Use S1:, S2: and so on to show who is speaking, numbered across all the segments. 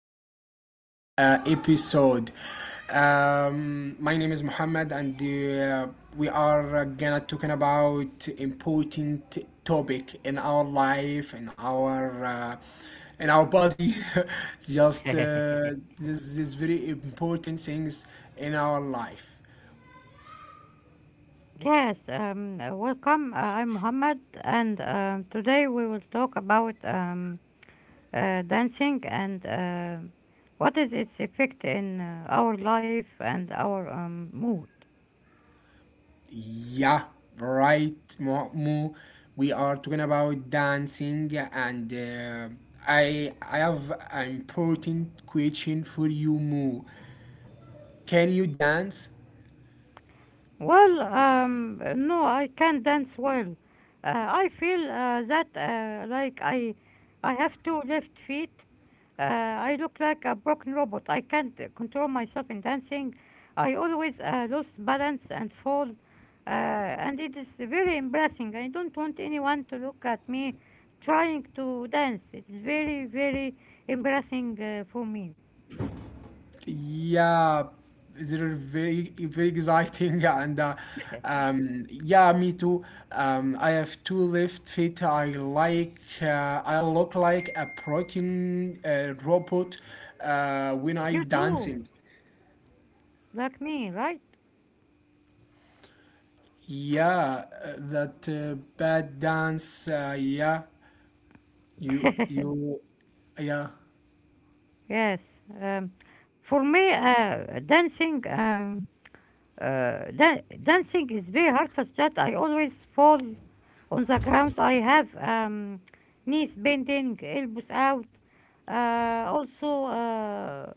S1: back to episode. My name is Muhammad, and we are gonna talking about important topic in our life, in our body. Just this very important things in our life.
S2: Yes, Welcome. I'm Mohammed, and today we will talk about dancing and what is its effect in our life and our mood.
S1: Yeah, right, Mu. We are talking about dancing, and I have an important question for you, Mu. Can you dance?
S2: No, I can't dance well. I feel that like I have two left feet. I look like a broken robot. I can't control myself in dancing. I always lose balance and fall. And it is very embarrassing. I don't want anyone to look at me trying to dance. It's very, very embarrassing for me.
S1: Yeah, they're very exciting, and yeah, me too. I have two left feet. I like I look like a broken robot when I
S2: You too,
S1: dancing.
S2: like me, right?
S1: Yeah, that bad dance. Yeah, you you, yeah,
S2: Yes. Um, for me, dancing, dancing is very hard such that I always fall on the ground. I have knees bending, elbows out. Also,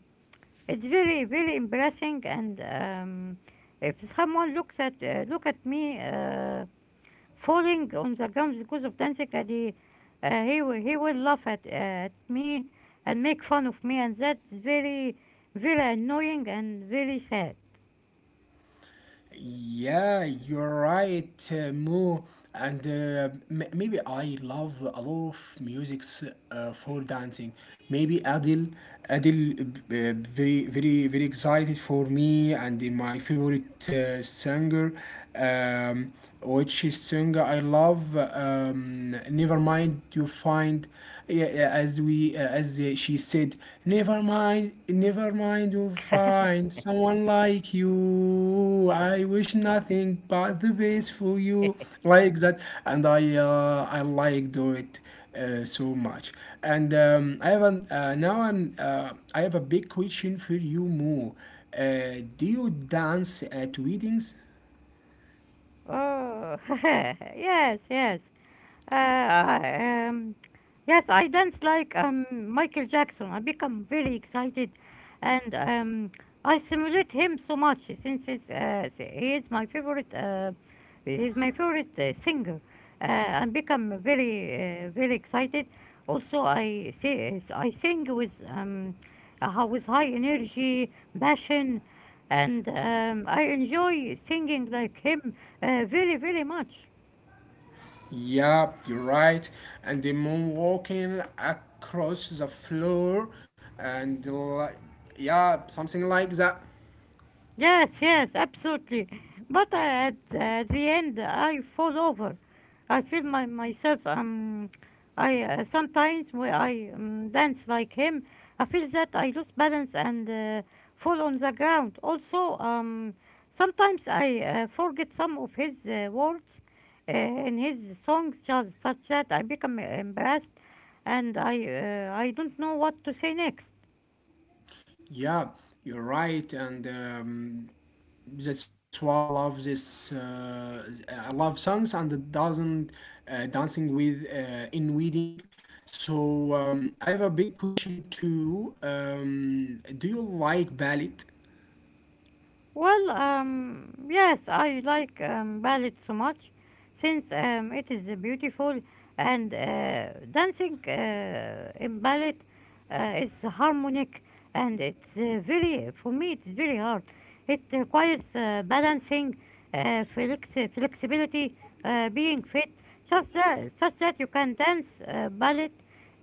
S2: it's very, very embarrassing. And if someone looks at look at me falling on the ground because of dancing, he will laugh at me and make fun of me, and that's very, very annoying and very sad.
S1: yeah. You're right, Mo. And maybe I love a lot of musics for dancing. Maybe Adele, Adele, very excited for me and my favorite singer. Um, which is song I love. Never mind, you find, yeah, yeah, as we as she said, never mind, never mind, you find someone like you. I wish nothing but the best for you, like that, and I liked it. So much and I have an, now an, I have a big question for you, Mo. Do you dance at weddings?
S2: Oh, yes, yes. Uh, um, yes, I dance like Michael Jackson. I become very excited, and I simulate him so much since he is my favorite. He's my favorite singer. I become very excited. Also, I say I sing with high energy, passion, and I enjoy singing like him very, very much.
S1: Yeah, you're right. And the moon walking across the floor, and like, yeah, something like that.
S2: Yes, yes, absolutely. But at the end, I fall over. I feel my myself. I sometimes when I dance like him, I feel that I lose balance and fall on the ground. Also, sometimes I forget some of his words in his songs, just such that I become embarrassed and I don't know what to say next.
S1: Yeah, you're right, and that's why I love this. I love songs and the doesn't dancing with in wedding. So I have a big question too. Do you like ballet?
S2: Yes, I like ballet so much since it is beautiful and dancing in ballet is harmonic, and it's for me, it's very hard. It requires balancing, flexibility, being fit, just that, such that you can dance ballet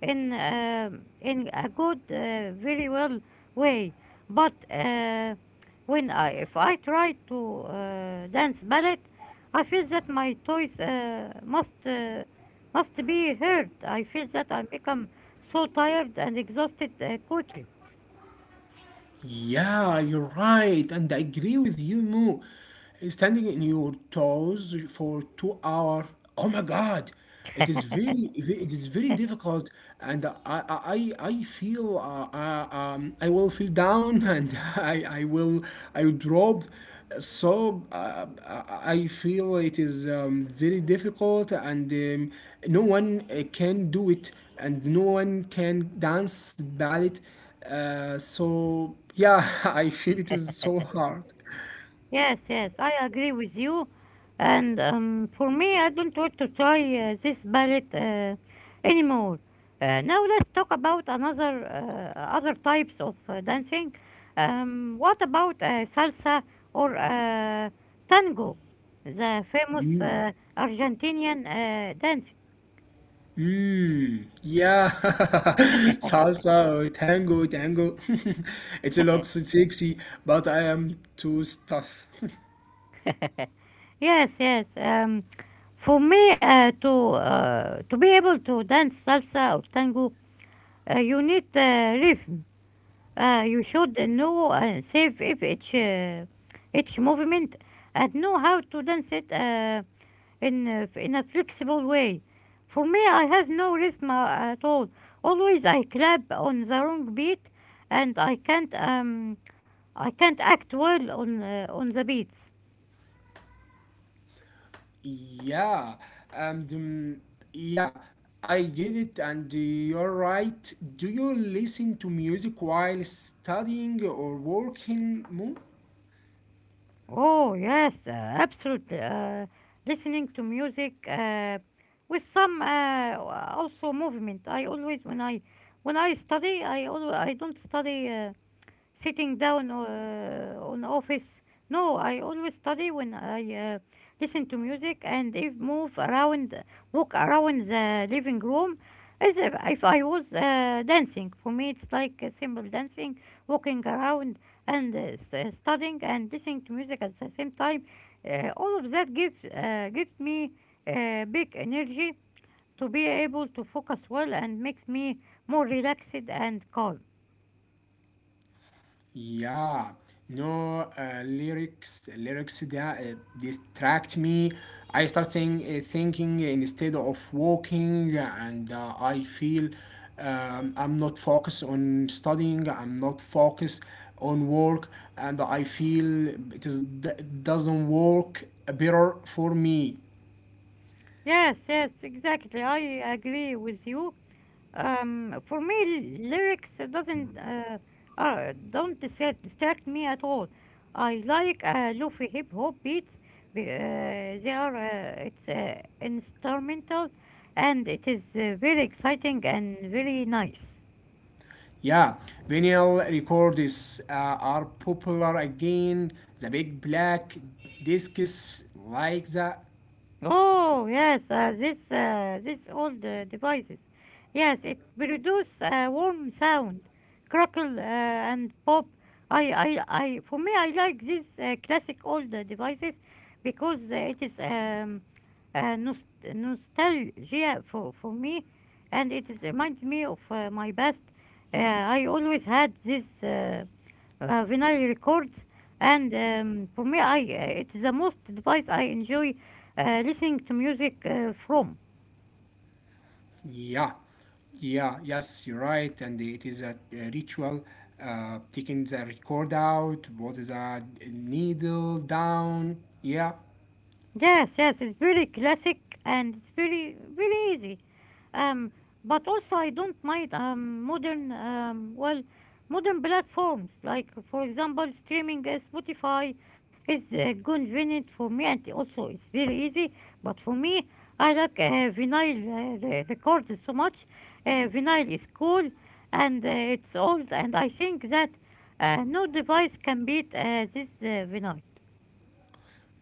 S2: in a good, very well way. But if I try to dance ballet, I feel that my toes must be hurt. I feel that I become so tired and exhausted quickly.
S1: Yeah, you're right, and I agree with you, Mo. Standing in your toes for 2 hours, oh my God, it is very difficult, and I feel, I will feel down, and I will drop. So I feel it is very difficult, and no one can do it, and no one can dance ballet so yeah, I feel it is so hard.
S2: Yes, yes, I agree with you. And for me, I don't want to try this palette anymore. Now let's talk about another other types of dancing. What about salsa or tango, the famous Argentinian dance?
S1: Mmm, yeah, salsa or tango, tango. It looks sexy, but I am too stuff.
S2: Yes, yes. For me, to be able to dance salsa or tango, you need rhythm. You should know save if each movement and know how to dance it in a flexible way. For me, I have no rhythm at all. Always I clap on the wrong beat, and I can't act well on the beats.
S1: Yeah, and yeah, I get it, and you're right. Do you listen to music while studying or working more?
S2: Oh, yes, absolutely. Listening to music with some also movement. I always when I study, I always I don't study. Sitting down on office. No, I always study when I listen to music and if move around, walk around the living room as if I was dancing. For me, it's like a simple dancing, walking around and studying and listening to music at the same time. All of that gives me big energy to be able to focus well and makes me more relaxed and calm.
S1: Yeah, no lyrics that distract me. I start saying, thinking instead of walking, and I feel I'm not focused on studying. I'm not focused on work, and I feel it is it doesn't work better for me.
S2: Yes, yes, exactly. I agree with you. For me, lyrics doesn't don't distract me at all. I like lofi hip hop beats. Be- they are It's instrumental, and it is very exciting and very nice.
S1: Yeah, vinyl records are popular again. The big black discs like the…
S2: Oh yes, this old devices. Yes, it produce a warm sound, crackle and pop. I For me I like these classic old devices because it is uh, nost nostalgia for me, and it is reminds me of my past. I always had this. Vinyl records, and for me I it's the most device I enjoy listening to music from.
S1: Yeah, yeah, yes, you're right. And it is a ritual, taking the record out, what is a needle down. Yeah.
S2: Yes, yes, it's very classic and it's very very easy. Um, but also I don't mind modern modern platforms like for example streaming Spotify is convenient for me, and also it's very easy. But for me, I like records so much. Vinyl is cool and it's old, and I think that no device can beat this vinyl.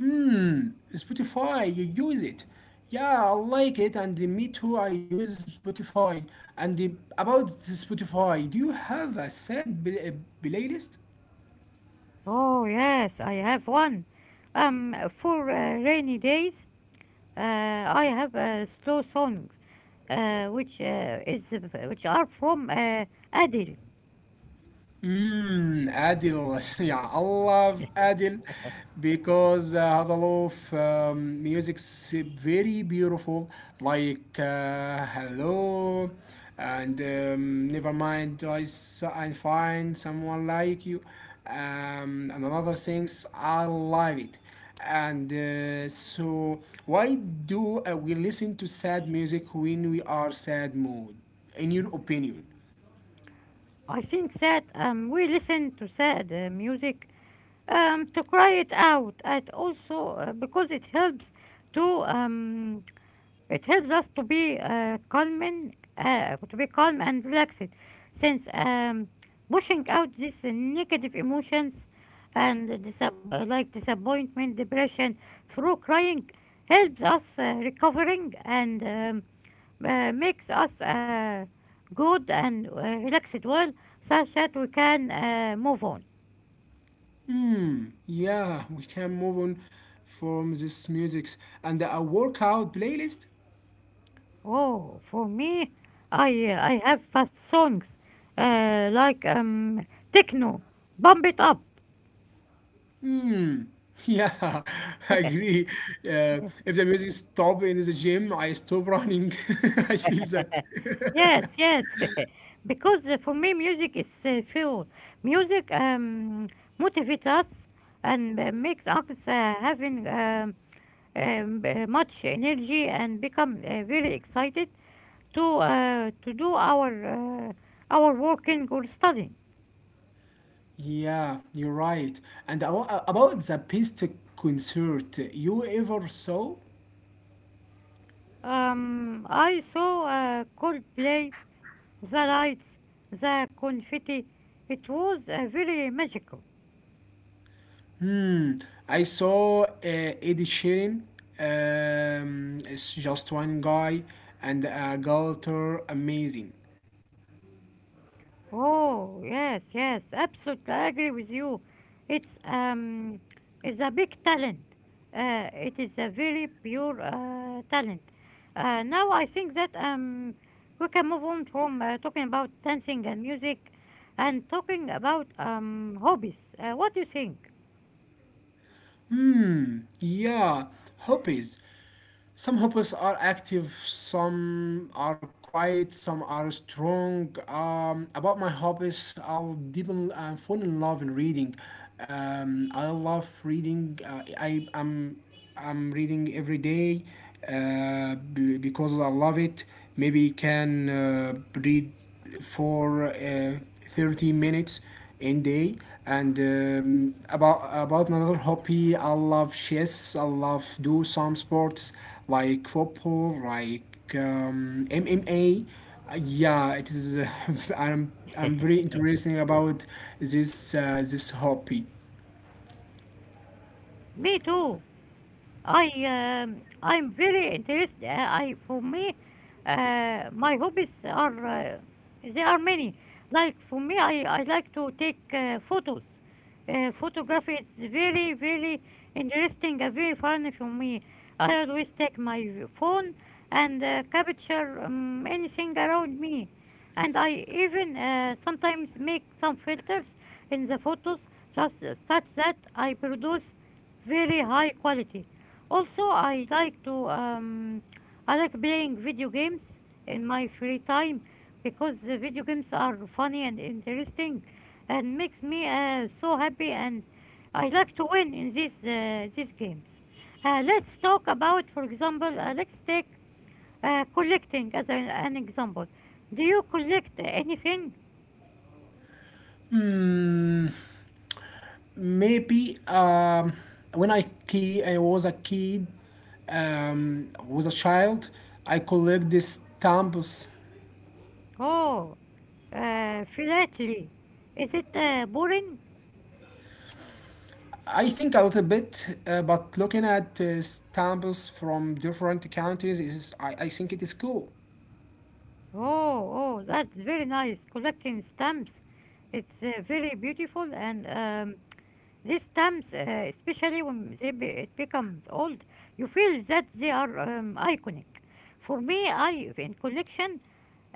S1: Hmm, Spotify, you use it. Yeah, I like it, and me too. I use Spotify. And the, about the Spotify, do you have a playlist?
S2: Oh, yes, I have one. For rainy days, I have slow songs, uh, which uh, is uh, which are from Adele.
S1: Hmm, Adil. Yeah, I love Adil because هذا love music's very beautiful. Like hello, and never mind. I find someone like you, and another things. I love it. And so, why do we listen to sad music when we are sad mood? In your opinion?
S2: I think that we listen to sad music to cry it out, and also because it helps to it helps us to be to be calm and relaxed, since pushing out these negative emotions and like disappointment, depression through crying helps us recovering, and makes us good and relaxed well, such that we can move on.
S1: Hmm, yeah, we can move on from this music and a workout playlist.
S2: Oh, for me, I have fast songs uh, like um, techno, bump it up.
S1: Hmm, yeah, I agree. Uh, if the music stop in the gym, I stop running. I feel that.
S2: Yes, yes. Because for me, music is fuel. Music motivates us and makes us having much energy and become very excited to do our working or studying.
S1: Yeah, you're right. And about the best concert you ever saw?
S2: I saw Coldplay, the lights, the confetti. It was very magical.
S1: Hmm, I saw Eddie Sheeran. It's just one guy and a girl, amazing.
S2: Oh, yes, yes, absolutely. I agree with you. It's um, it's a big talent. It is a very pure talent. Now I think that we can move on from talking about dancing and music, and talking about hobbies. What do you think?
S1: Hmm, yeah, hobbies. Some hobbies are active, some are quiet, some are strong. About my hobbies, I'll deepen and fall in love in reading. I love reading. I'm reading every day because I love it. Maybe you can read for 30 minutes in day and about another hobby. I love chess. I love do some sports like football, like mma. Yeah it is i'm I'm very interesting about this hobby.
S2: Me too. I I'm very interested. I For me, my hobbies are there are many. Like for me, I like to take photos. Photography is very very interesting and very fun for me. I always take my phone and capture anything around me, and I even sometimes make some filters in the photos just such that I produce very high quality. Also, I like to I like playing video games in my free time because the video games are funny and interesting and makes me so happy, and I like to win in these games. Let's talk about, for example, let's take collecting as an example. Do you collect anything?
S1: Hmm. Maybe when I key I was a kid, was a child. I collect these stamps.
S2: Oh, philately. Is it boring?
S1: I think a little bit, but looking at stamps from different countries is I think it is cool.
S2: Oh, oh, that's very nice. Collecting stamps. It's very beautiful, and these stamps, especially when they it becomes old, you feel that they are iconic. For me, I in collection,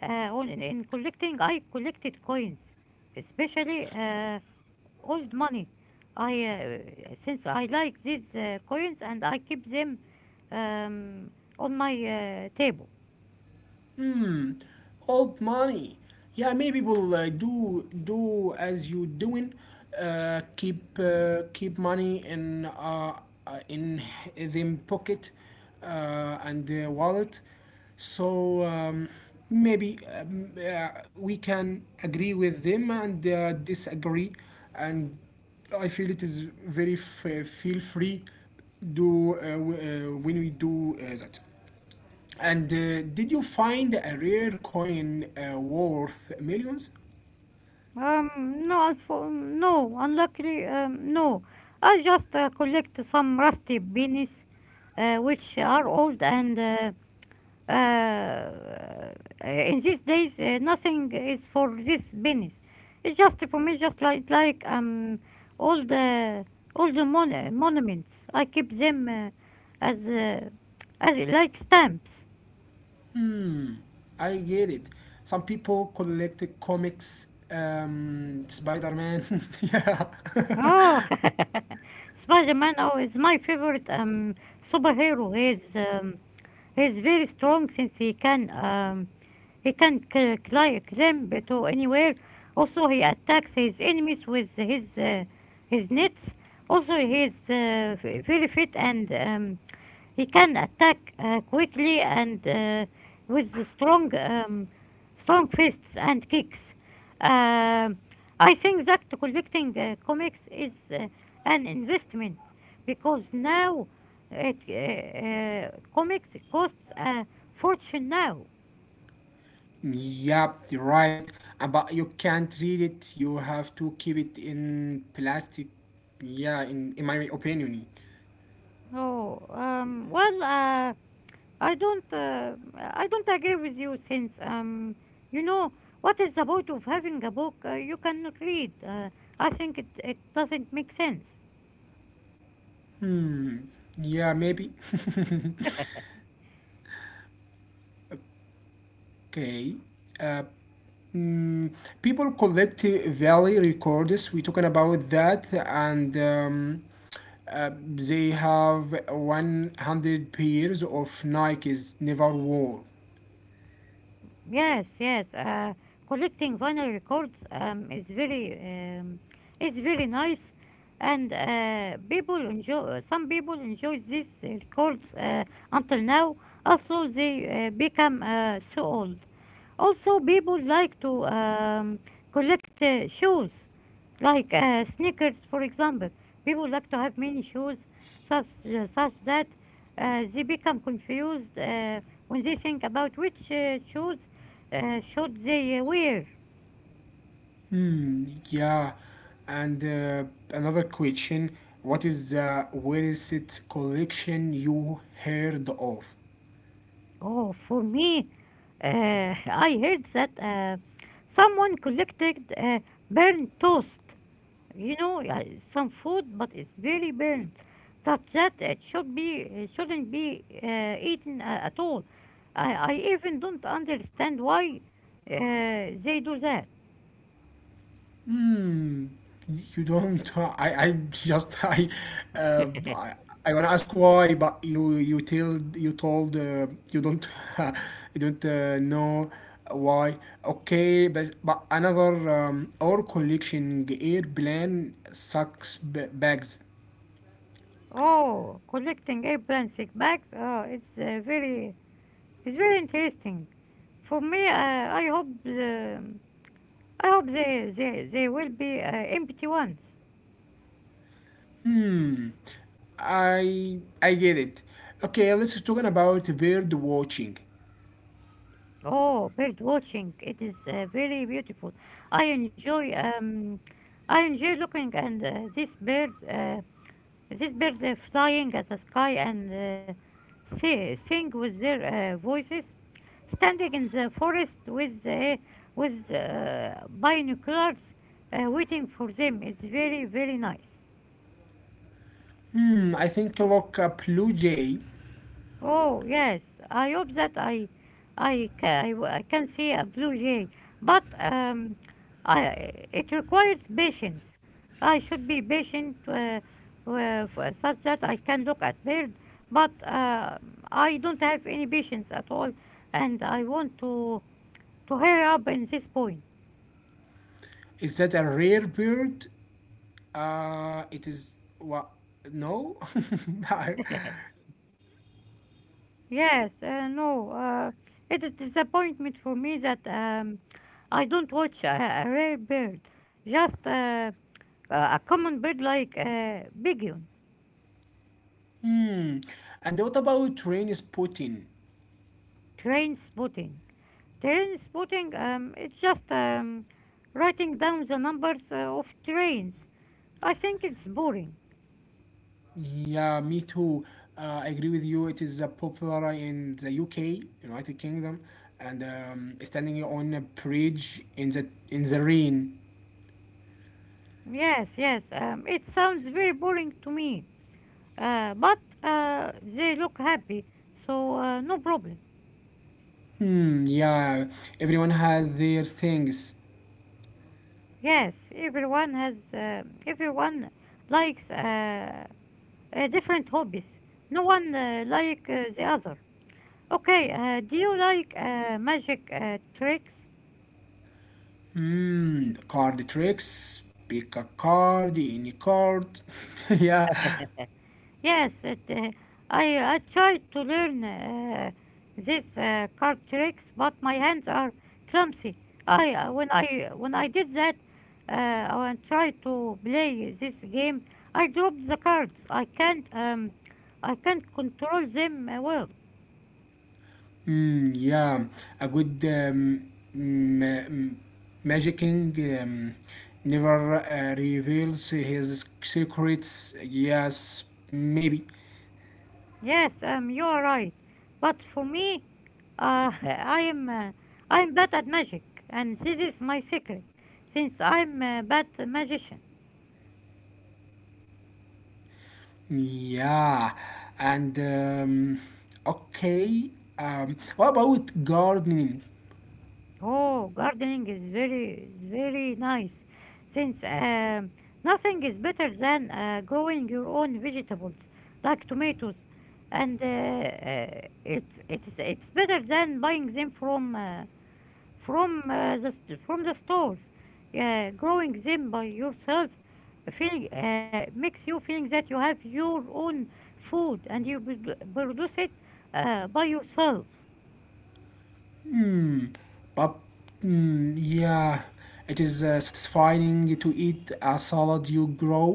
S2: uh, in collecting, I collected coins, especially old money. I Since I like these coins and I keep them um, on my table.
S1: Hmm. Old money. Yeah, many people do as you doing. Keep money in them pocket and wallet. So maybe we can agree with them and disagree. And I feel it is feel free do when we do that. And did you find a rare coin worth millions?
S2: No, unluckily, no. I just collect some rusty pennies, which are old and uh, in these days nothing is for these pennies. It's just for me, just like all the all the monuments. I keep them as uh, as like stamps.
S1: Hmm, I get it. Some people collect comics, Spider Man. Yeah.
S2: Oh, Spider-Man, oh, is my favorite superhero. He is. He's very strong since he can climb to anywhere. Also, he attacks his enemies with his nets. Also, he is very fit, and he can attack quickly and with the strong fists and kicks. Um I think that collecting comics is an investment because now comics costs a fortune now.
S1: Yep, you're right. But you can't read it. You have to keep it in plastic. Yeah, in my opinion.
S2: Oh, um, well, uh, I don't agree with you since, you know, what is the point of having a book you cannot read? I think it doesn't make sense.
S1: Hmm. Yeah, maybe. Okay. Uh, Mm, People collect valley records. We talking about that, and they have 100 pairs of Nikes never wore.
S2: Yes, yes. Collecting vinyl records um, is very nice, and people enjoy. Some people enjoy these records until now. Also, they become so old. Also, people like to collect shoes, like sneakers, for example. People like to have many shoes, such such that they become confused. When they think about which shoes should they wear.
S1: Hmm, yeah. And another question: what is the weirdest collection you heard of?
S2: Oh, for me, uh, I heard that someone collected burnt toast. You know, some food, but it's very burnt, such that it shouldn't be eaten at all. I even don't understand why they do that.
S1: Hmm. You don't. I. I just. Uh, I. I wanna ask why, but You tell. You told. You don't. You don't know why. Okay, but another. Our collection airplane sucks bags.
S2: Oh, collecting eggplant sick bags. Oh, it's very interesting. For me, I hope um I hope they will be empty ones.
S1: Hmm. I. I get it. Okay, let's talking about bird watching.
S2: Oh, bird watching! It is very beautiful. I enjoy um I enjoy looking and this bird uh, this bird flying at the sky and sing with their voices, standing in the forest with binoculars, waiting for them. It's very very nice.
S1: Hmm. I think look a blue jay.
S2: Oh, yes. I hope that I ca- I w- I can see a blue jay, but I it requires patience. I should be patient such that I can look at bird, but I don't have any patience at all, and I want to hurry up in this point.
S1: Is that a rare bird? It is what? No. I-
S2: Yes, no, it is disappointment for me that I don't watch a rare bird. Just A common bird like Bigion,
S1: hmm. And what about train spotting?
S2: train spotting. Train spotting, it's just writing down the numbers of trains. I think it's boring.
S1: Yeah, me too. I agree with you. It is popular in the UK, United Kingdom, and standing on a bridge in the rain.
S2: Yes, yes, it sounds very boring to me. But they look happy, so no problem.
S1: Hmm. Yeah, everyone has their things.
S2: Yes, everyone likes different hobbies. No one like the other. Okay, do you like magic tricks?
S1: Hmm. Card tricks. Pick a card, any card. Yeah.
S2: Yes, I tried to learn this card tricks, but my hands are clumsy. I when I When I did that, when I tried to play this game, I dropped the cards. I can't control them well.
S1: Yeah, a good ma- m- magic king um, never reveals his secrets. Yes, maybe.
S2: Yes, you're right. But for me, uh, I'm uh, I'm bad at magic, and this is my secret. Since I'm a bad magician.
S1: Yeah, and okay. What about gardening?
S2: Oh, gardening is very nice. Since nothing is better than growing your own vegetables, like tomatoes, and it's better than buying them from the stores. Yeah, growing them by yourself, feeling makes you feeling that you have your own food and you produce it by yourself.
S1: Hmm, but yeah, it is satisfying to eat a salad you grow.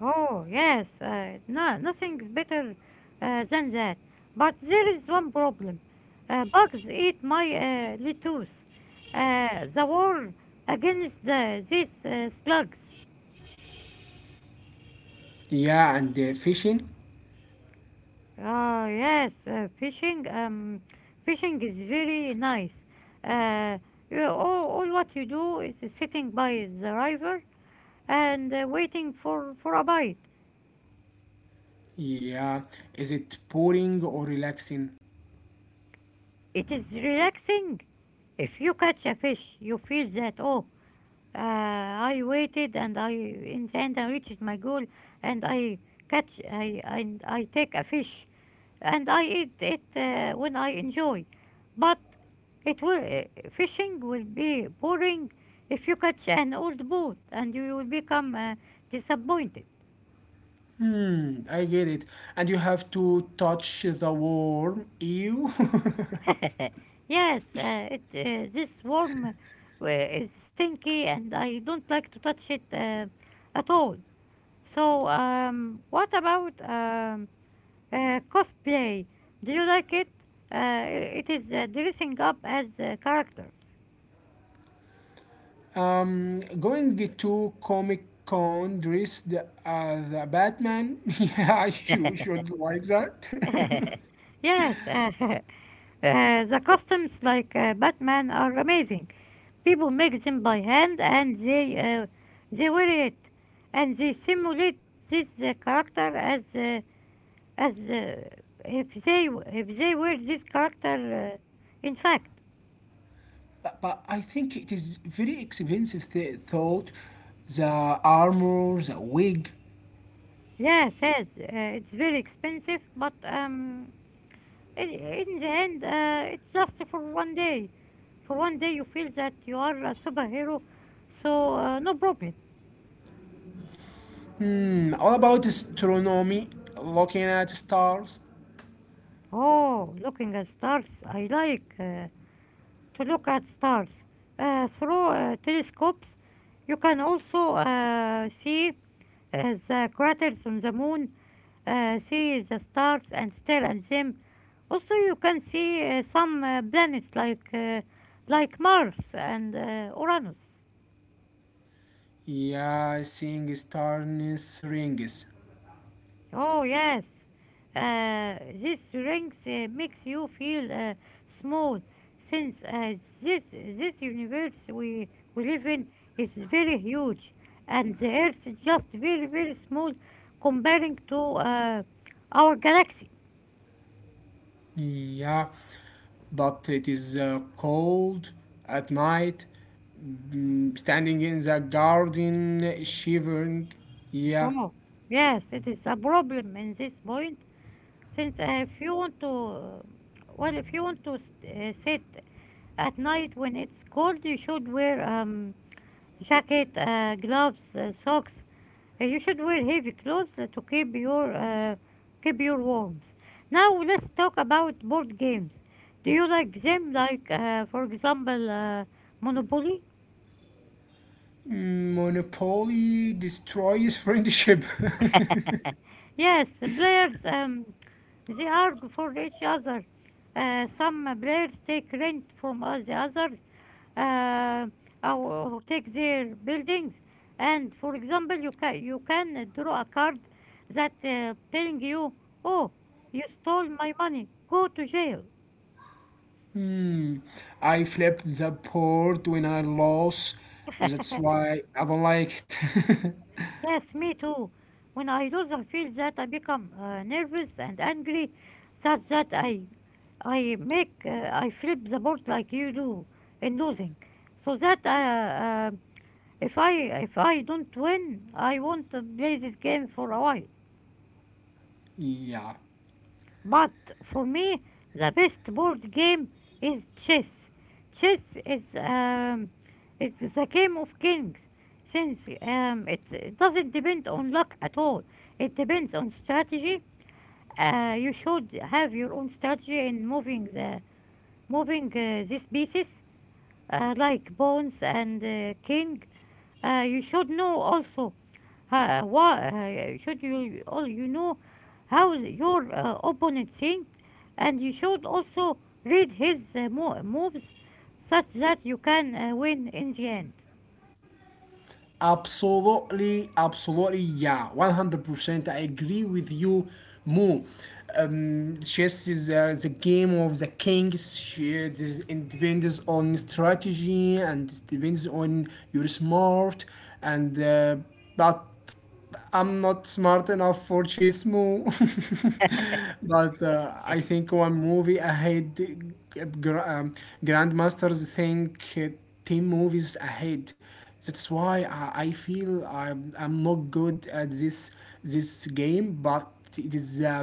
S2: Oh yes, no, nothing's better than that. But there is one problem. Bugs eat my lettuce. The war against these slugs.
S1: Yeah, and fishing.
S2: Ah, yes, fishing. Fishing is very nice. Uh, all what you do is sitting by the river and for a bite.
S1: Yeah, is it boring or relaxing?
S2: It is relaxing. If you catch a fish, you feel that, oh, I waited and in the end, I reached my goal and and I take a fish, and I eat it when I enjoy. But it will fishing will be boring if you catch an old boat and you will become disappointed.
S1: Hmm, I get it. And you have to touch the warm ew.
S2: yes, it this worm is stinky and I don't like to touch it at all. So what about cosplay? Do you like it? It is dressing up as characters.
S1: Um, going to Comic Con dressed as a Batman. Yeah, you should like that.
S2: Yes, the costumes like Batman are amazing. People make them by hand and they wear it and they simulate this character as if they were this character in fact.
S1: But I think it is very expensive. Thought the armor, the wig.
S2: Yes, yes, it's very expensive, but in the end, it's just for 1 day. For 1 day, you feel that you are a superhero, so no problem.
S1: Hmm, all about astronomy, looking at stars.
S2: Oh, looking at stars. I like to look at stars. Through telescopes, you can also see the craters on the moon, see the stars and stare at them. Also, you can see some planets like Mars and Uranus.
S1: Yeah, seeing starness rings.
S2: Oh yes, this rings makes you feel small, since this universe we live in is very huge, and the Earth is just very very small, comparing to our galaxy.
S1: Yeah, but it is cold at night. Mm, standing in the garden, shivering. Yeah.
S2: Oh yes, it is a problem in this point, since if you want to, well, if you want to sit at night when it's cold, you should wear jacket, gloves, socks. You should wear heavy clothes to keep your warmth. Now let's talk about board games. Do you like them? Like for example, Monopoly.
S1: Monopoly destroys friendship.
S2: Yes, players they argue for each other. Some players take rent from the others, uh, or take their buildings. And for example, you can draw a card that telling you, "Oh, you stole my money. Go to jail."
S1: Hmm. I flip the board when I lose. That's why I don't like it.
S2: Yes, me too. When I lose, I feel that I become nervous and angry, such that I flip the board like you do in losing, so that if I if I don't win, I won't play this game for a while.
S1: Yeah.
S2: But for me, the best board game is chess. Chess is it's the game of kings, since it doesn't depend on luck at all. It depends on strategy. You should have your own strategy in moving these pieces, like pawns and king. You should know also Ha, why should you, all you know how your opponent thinks, and you should also read his moves such that you can win in the end.
S1: Absolutely, absolutely, yeah, 100%. I agree with you, Mo. Chess is the game of the kings. It depends on strategy and it depends on your smart and but I'm not smart enough for Chismo, but I think one movie ahead, gr- um, Grandmasters think 10 movies ahead. That's why I feel I'm not good at this game, but it is the,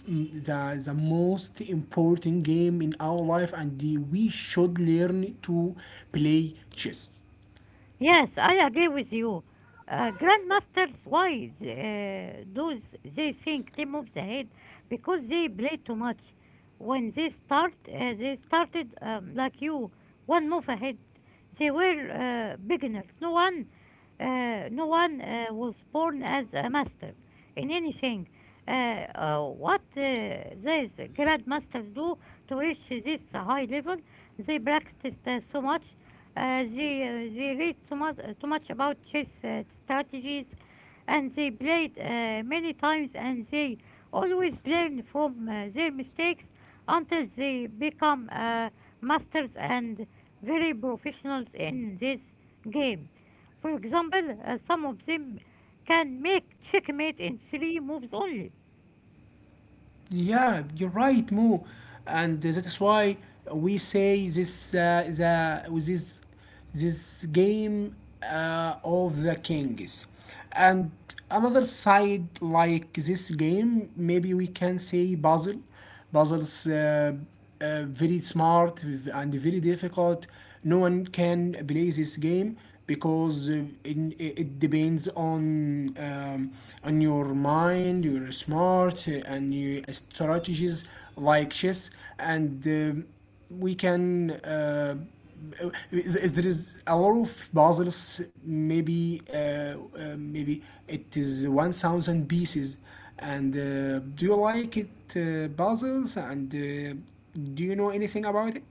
S1: mm, the, the most important game in our life, and we should learn to play chess.
S2: Yes, I agree with you. Grandmasters' wives, those they think they move the head because they play too much. When they start, they started like you, one move ahead. They were beginners. No one was born as a master in anything. What these grandmasters do to reach this high level, they practiced so much they read too much about chess strategies and they played many times and they always learn from their mistakes until they become masters and very professionals in this game. For example, some of them can make checkmate in 3 moves only.
S1: Yeah, you're right, Mo, and that is why we say this game of the kings, and another side like this game maybe we can say puzzle, puzzles very smart and very difficult. No one can play this game because it it depends on your mind, your smart, and your strategies like chess and. We can there is a lot of puzzles maybe it is 1,000 pieces and do you like it, puzzles, and do you know anything about it?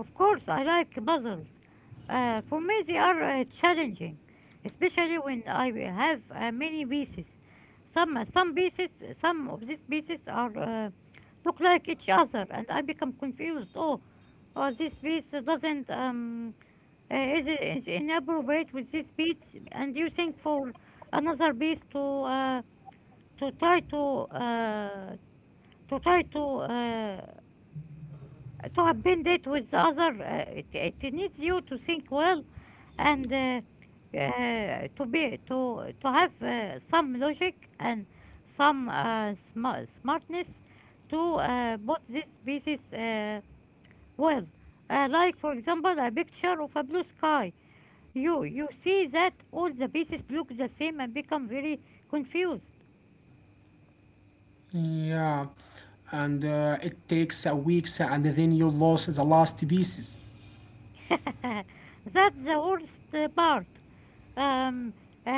S2: Of course, I like puzzles. For me, they are challenging, especially when I have many pieces. Some pieces, some of these pieces are look like each other, and I become confused. Oh, oh, this piece doesn't is inappropriate with this piece, and you think for another piece to try to uh, to try to have been it with the other. It needs you to think well and to be to have some logic and some smartness to put these pieces well. Like for example, a picture of a blue sky. You see that all the pieces look the same and become very confused.
S1: Yeah, and it takes a weeks and then you lose the last pieces.
S2: That's the worst part. Um,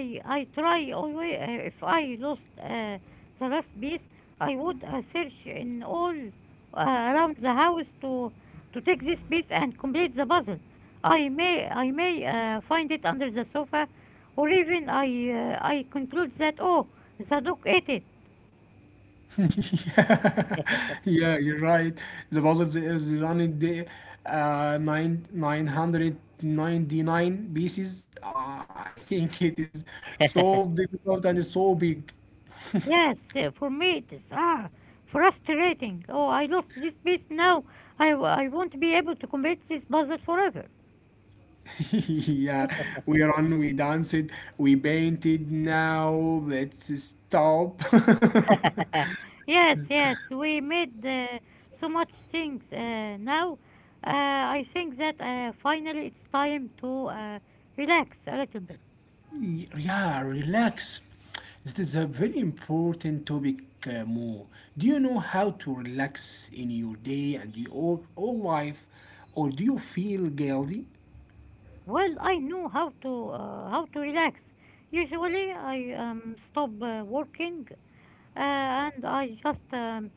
S2: I try always if I lost the last piece, I would search in all around the house to take this piece and complete the puzzle. I may find it under the sofa, or even I conclude that oh the dog ate it.
S1: Yeah, yeah, you're right. The puzzle is running the 999 pieces. I think it is so difficult and so big.
S2: Yes, for me it is ah frustrating. Oh, I lost this piece now. I won't be able to complete this puzzle forever.
S1: Yeah, we run, we danced, we painted. Now let's stop.
S2: Yes, yes, we made so much things now. I think that finally it's time to relax a little bit.
S1: Yeah, relax. This is a very important topic, Mo. Do you know how to relax in your day and your whole life, or do you feel guilty?
S2: Well, I know how to relax. Usually, I stop working and I just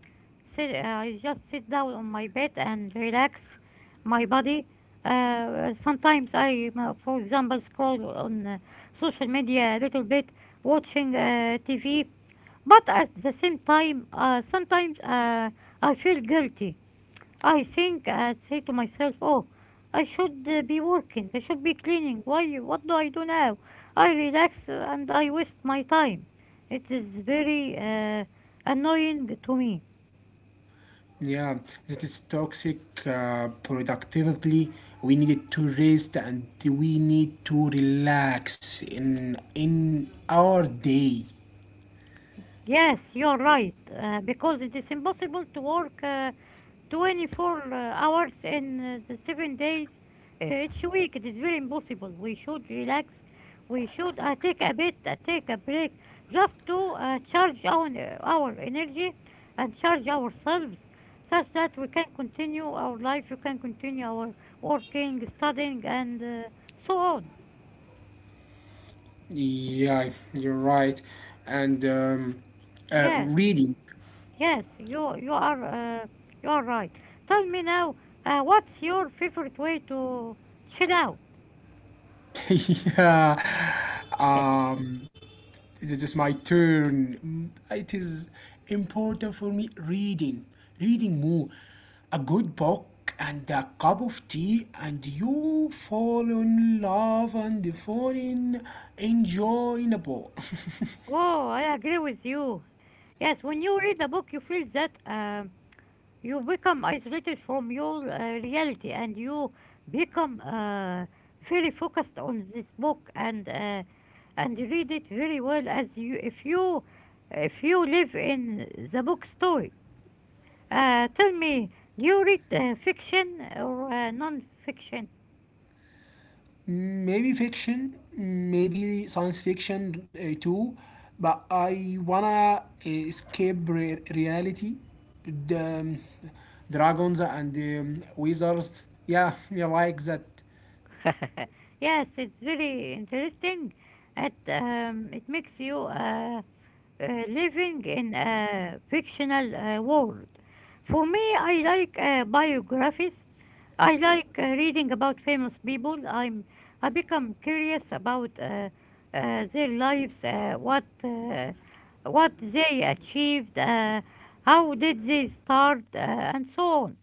S2: sit. Uh, I just sit down on my bed and relax my body. Sometimes for example, scroll on social media a little bit, watching TV. But at the same time, sometimes I feel guilty. I think and say to myself, "Oh, I should be working. I should be cleaning. Why? What do I do now? I relax and I waste my time." It is very annoying to me.
S1: Yeah, that is toxic productively. We need to rest and we need to relax in our day.
S2: Yes, you're right, because it is impossible to work 24 hours in the 7 days each week. It is very impossible. We should relax. We should take a break, just to charge our energy and charge ourselves such that we can continue our life, we can continue our working, studying, and so on.
S1: Yeah, you're right. And
S2: Yes,
S1: reading.
S2: yes, you are right. Tell me now, what's your favorite way to chill out?
S1: Yeah. Um, it is my turn. It is important for me reading, reading more. A good book and a cup of tea, and you fall in love and fall in enjoyable.
S2: Oh, I agree with you. Yes, when you read a book, you feel that you become isolated from your reality and you become very focused on this book and read it very well as you if you if you live in the book story. Tell me, do you read fiction or non-fiction?
S1: Maybe fiction, maybe science fiction too, but I wanna escape reality. The dragons and wizards, yeah, you like that.
S2: Yes, it's very interesting. It makes you. Living in a fictional world. For me, I like biographies. I like reading about famous people. I become curious about their lives, what they achieved, how did they start, and so on.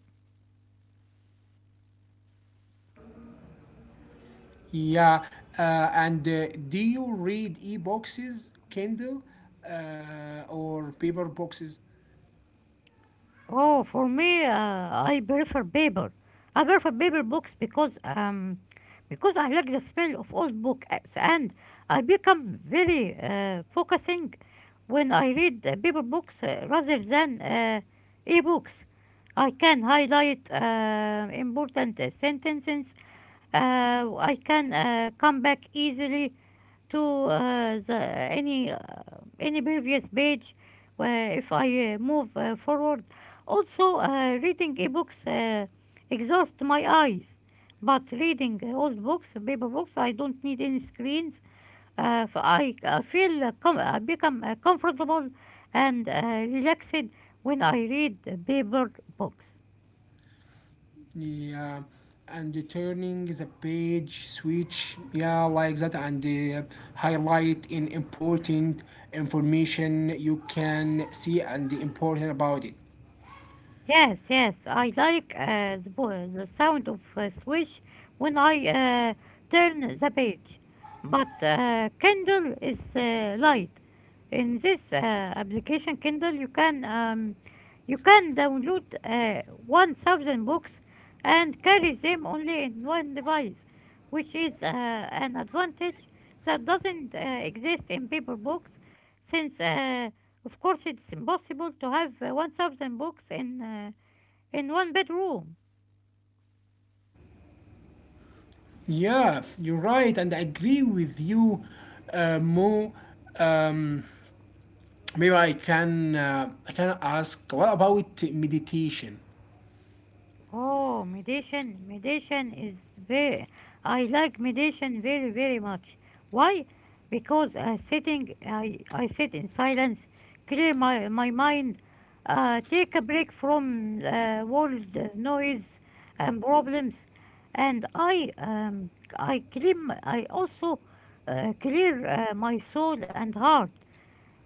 S1: Yeah, and do you read e-boxes, Kindle, or paper boxes?
S2: Oh, for me, I prefer paper. I prefer paper books because I like the smell of old books and I become very focusing when I read paper books rather than e-books. I can highlight important sentences. I can come back easily to the any previous page if I move forward. Also, reading ebooks exhaust my eyes, but reading old books, paper books, I don't need any screens. I become comfortable and relaxed when I read paper books.
S1: Yeah, and the turning the page, switch, yeah, like that, and uh, highlight in important information you can see and important about it.
S2: Yes, yes, I like the sound of swish when I turn the page. But Kindle is light. In this application Kindle, you can download 1,000 books and carry them only in one device, which is an advantage that doesn't exist in paper books, since of course, it's impossible to have 1,000 books in one bedroom.
S1: Yeah, you're right, and I agree with you, Mo. Maybe I can ask, what about meditation?
S2: Oh, meditation, meditation is very. I like meditation very, very much. Why? Because sitting, I sit in silence, clear my mind, take a break from world noise and problems, and I clean. I also clear my soul and heart.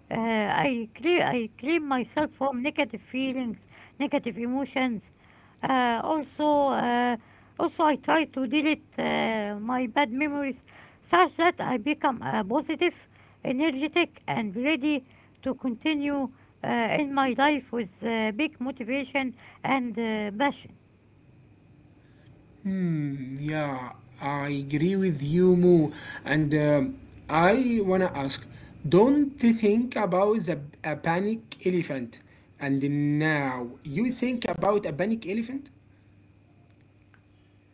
S2: I clean myself from negative feelings, negative emotions. Uh, also, uh, also, I try to delete my bad memories, such that I become positive, energetic, and ready to continue in my life with big motivation and passion.
S1: Hmm, yeah, I agree with you, Mo. And I wanna ask, don't you think about a panic elephant? And now you think about a panic elephant?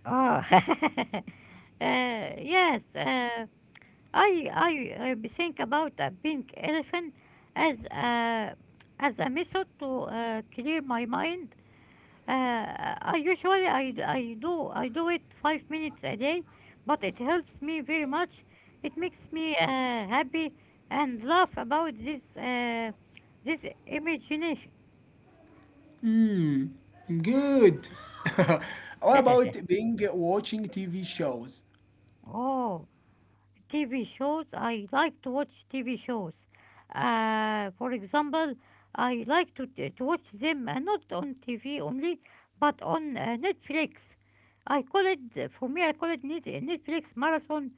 S2: Oh. Yes. I think about a pink elephant as a as a method to clear my mind. I usually I do it five minutes a day, but it helps me very much. It makes me happy and laugh about this imagination.
S1: Hmm, good. What about being watching TV shows?
S2: oh. TV shows. I like to watch TV shows. For example, I like to, to watch them not on TV only, but on Netflix. I call it, for me, I call it Netflix marathon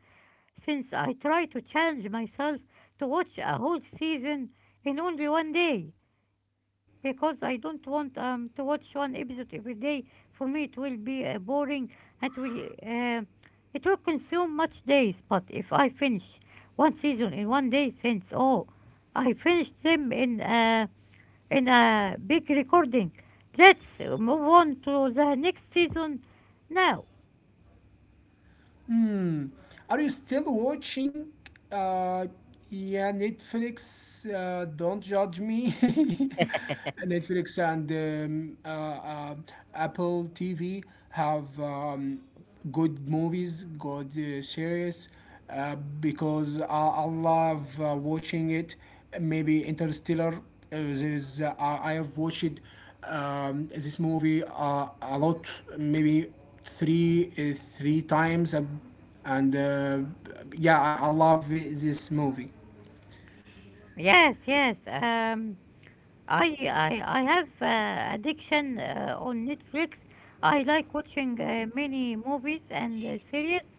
S2: since I try to challenge myself to watch a whole season in only one day because I don't want to watch one episode every day. For me, it will be boring and will it will consume much days. But if I finish one season in one day, since oh, I finished them in a big recording. Let's move on to the next season now.
S1: Hmm. Are you still watching? Uh, yeah, Netflix. Don't judge me. Netflix and Apple TV have good movies, good series. Uh, because I love watching it. Maybe Interstellar. I have watched this movie a lot. Maybe three times, and I love this movie.
S2: Yes, yes. I have addiction on Netflix. I like watching many movies and series,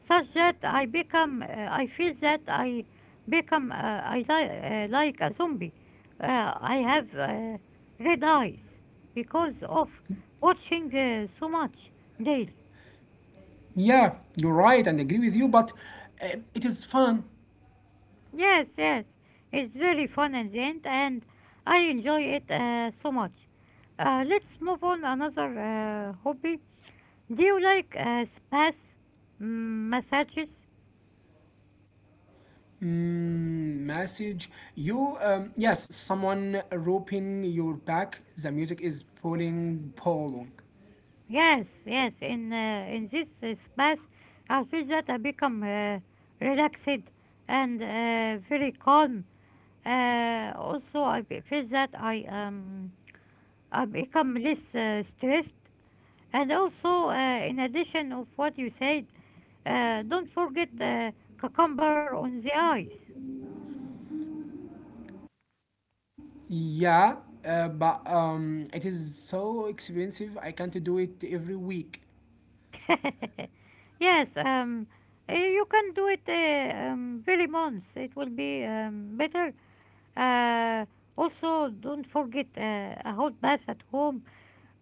S2: such that I become I feel that I become like a zombie. I have red eyes because of watching so much daily.
S1: Yeah, you're right, and agree with you, but it is fun.
S2: Yes, yes, it's very fun and end, and I enjoy it so much. Let's move on another hobby. Do you like massages?
S1: Mm, message you, yes, someone roping your back, the music is pulling polong.
S2: Yes, yes. In this spas, I feel that I become relaxed and very calm. Also, I feel that I become less stressed. And also, in addition of what you said, don't forget cucumber on the eyes.
S1: Yeah, but it is so expensive, I can't do it every week.
S2: Yes, you can do it very months. It will be better. Uh, also, don't forget a hot bath at home,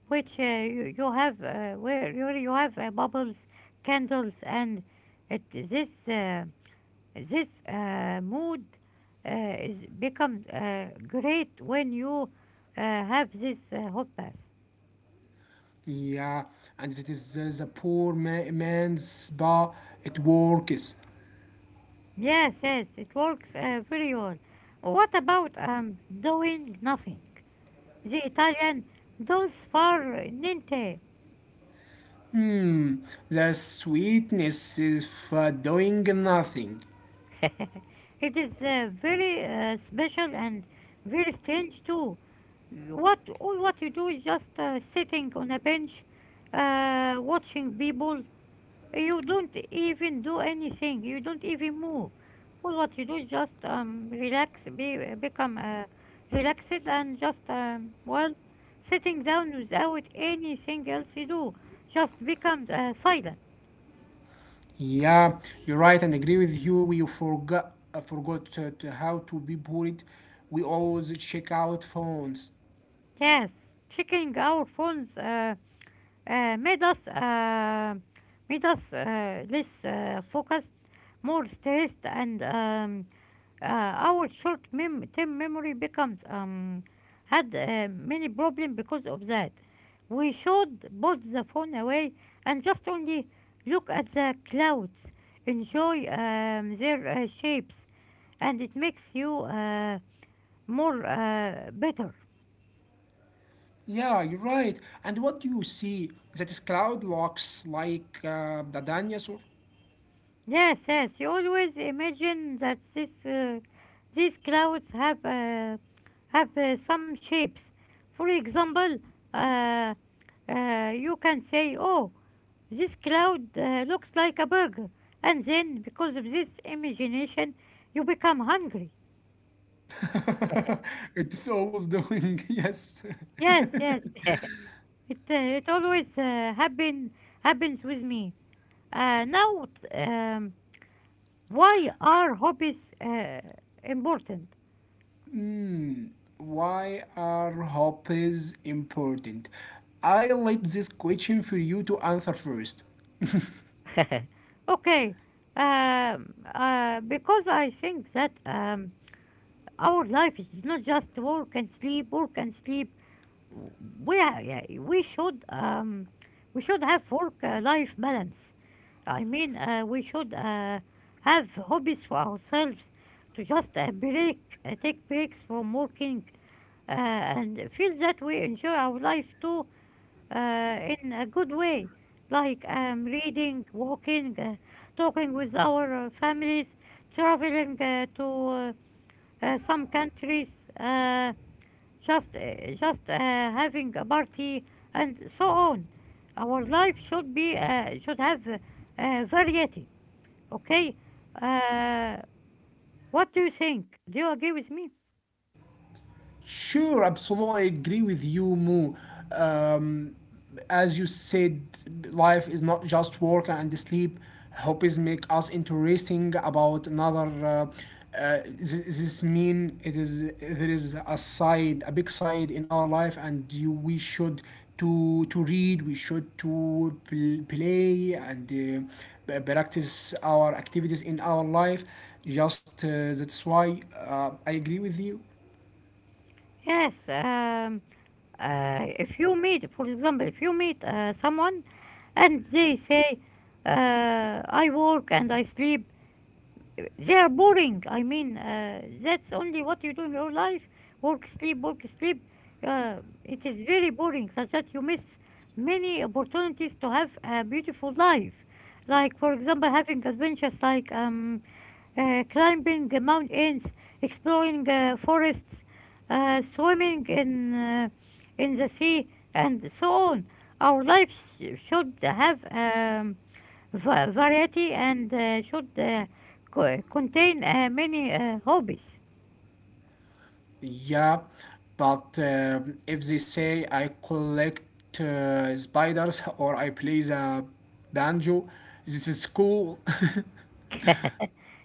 S2: which you have where you have bubbles, candles, and it, this this mood uh, is becomes great when you have this hot bath.
S1: Yeah, and it is the poor man's spa. It works.
S2: Yes, yes, it works very well. What about doing nothing? The Italian dolce far niente.
S1: Hmm, the sweetness is for doing nothing.
S2: It is very special and very strange too. What all what you do is just sitting on a bench, watching people. You don't even do anything. You don't even move. All what you do is just become relaxed, and just well, sitting down without anything else to do. Just becomes silent.
S1: Yeah, you're right, and agree with you. We forgot to how to be bullied. We always check out phones.
S2: Yes, checking our phones. Uh, made us uh, made us less focused, more stressed, and uh, our term memory becomes had many problems because of that. We should put the phone away and just only look at the clouds, enjoy their shapes, and it makes you more better.
S1: Yeah, you're right. And what do you see? That is cloud looks like the dinosaur.
S2: Yes, yes. You always imagine that these clouds have some shapes. For example, uh, you can say, "Oh, this cloud looks like a burger," and then because of this imagination, you become hungry.
S1: It's always doing yes.
S2: Yes, yes. It always happens with me. Now, um, why are hobbies important?
S1: Hmm. Why are hobbies important? I let this question for you to answer first.
S2: Okay, because I think that our life is not just work and sleep, work and sleep. Yeah, we should we should have work- life balance. I mean, we should have hobbies for ourselves to just take breaks from working, and feel that we enjoy our life too, in a good way, like reading, walking, talking with our families, traveling to some countries, just having a party, and so on. Our life should be should have variety. Okay, uh, what do you think? Do you agree with me?
S1: Sure, absolutely agree with you, Mo. Um, as you said, life is not just work and sleep. Hobbies make us interesting about another. This mean it is there is a side, a big side in our life, and you, we should to read. We should to play and practice our activities in our life. Just That's why I agree with you.
S2: Yes. If you meet, for example, if you meet someone and they say, I work and I sleep, they are boring. I mean, that's only what you do in your life work, sleep, work, sleep. Uh, it is very boring, such that you miss many opportunities to have a beautiful life. Like, for example, having adventures like climbing mountains, exploring forests, swimming in the sea, and so on. Our lives should have variety and should contain many hobbies.
S1: Yeah, but if they say I collect spiders, or I play the banjo, this is cool.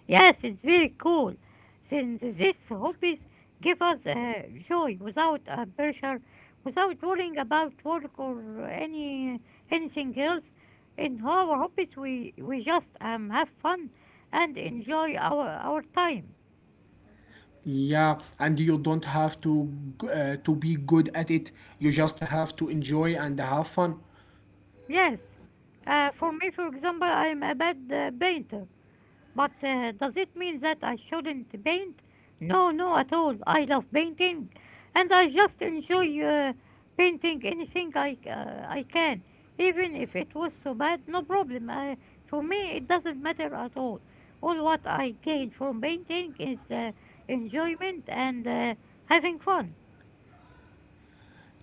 S2: Yes, it's very cool. Since these hobbies give us joy without pressure, without worrying about work or anything else. In our hobbies, we just have fun and enjoy our time.
S1: Yeah, and you don't have to to be good at it. You just have to enjoy and have fun.
S2: Yes, for me, for example, I'm a bad painter. But does it mean that I shouldn't paint? No, no, at all. I love painting, and I just enjoy painting anything I can, even if it was so bad. No problem. For me, it doesn't matter at all. All what I gain from painting is enjoyment and having fun.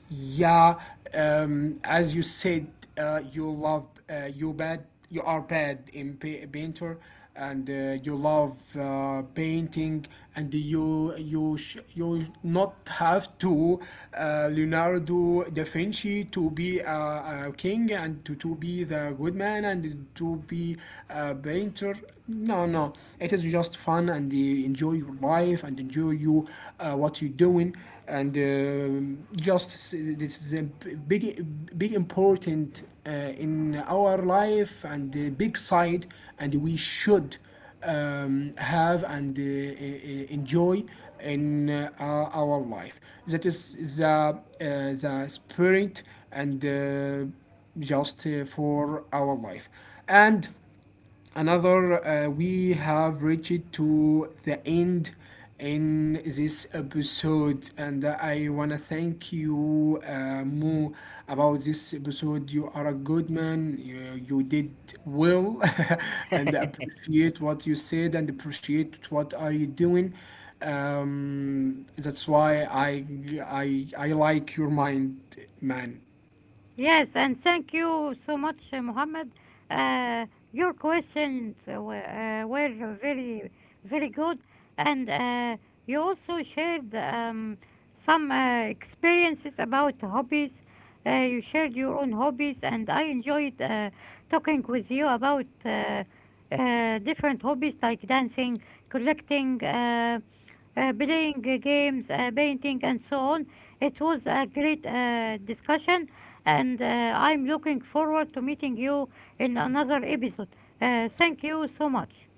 S1: Yeah, as you said, you love you bad. You are bad in painter, and you love painting, and you not have to Leonardo da Vinci to be a king, and to be the good man, and to be a painter. No, no, it is just fun, and you enjoy your life, and enjoy you what you're doing, and just this is a big big important in our life, and a big side, and we should have, and enjoy in our life. That is the spirit, and just for our life. And another, we have reached to the end in this episode, and I want to thank you more about this episode. You are a good man, you did well. And appreciate what you said, and appreciate what are you doing. That's why I like your mind, man.
S2: Yes, and thank you so much, Mohammed. Uh, your questions were very, very good, and you also shared some experiences about hobbies. You shared your own hobbies, and I enjoyed talking with you about different hobbies like dancing, collecting, playing games, painting, and so on. It was a great discussion and I'm looking forward to meeting you in another episode. Thank you so much.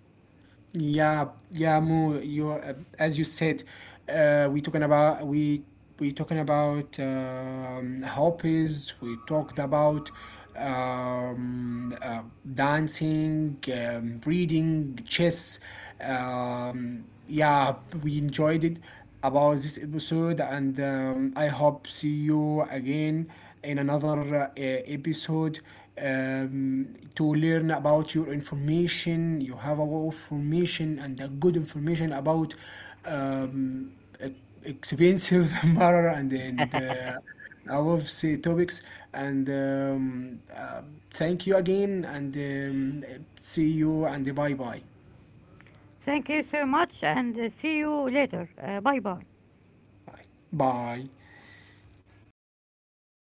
S1: Yeah, yeah, Mo, you as you said, uh, we talking about hobbies. We talked about um, uh, dancing, reading, chess. Um, yeah, we enjoyed it about this episode, and I hope see you again in another episode, um, to learn about your information. You have a lot of information, and a good information about um, e- expensive matter, and I love say topics. And uh, thank you again, and see you, and bye bye.
S2: Thank you so much, and see you later. Bye bye.
S1: Bye. Bye.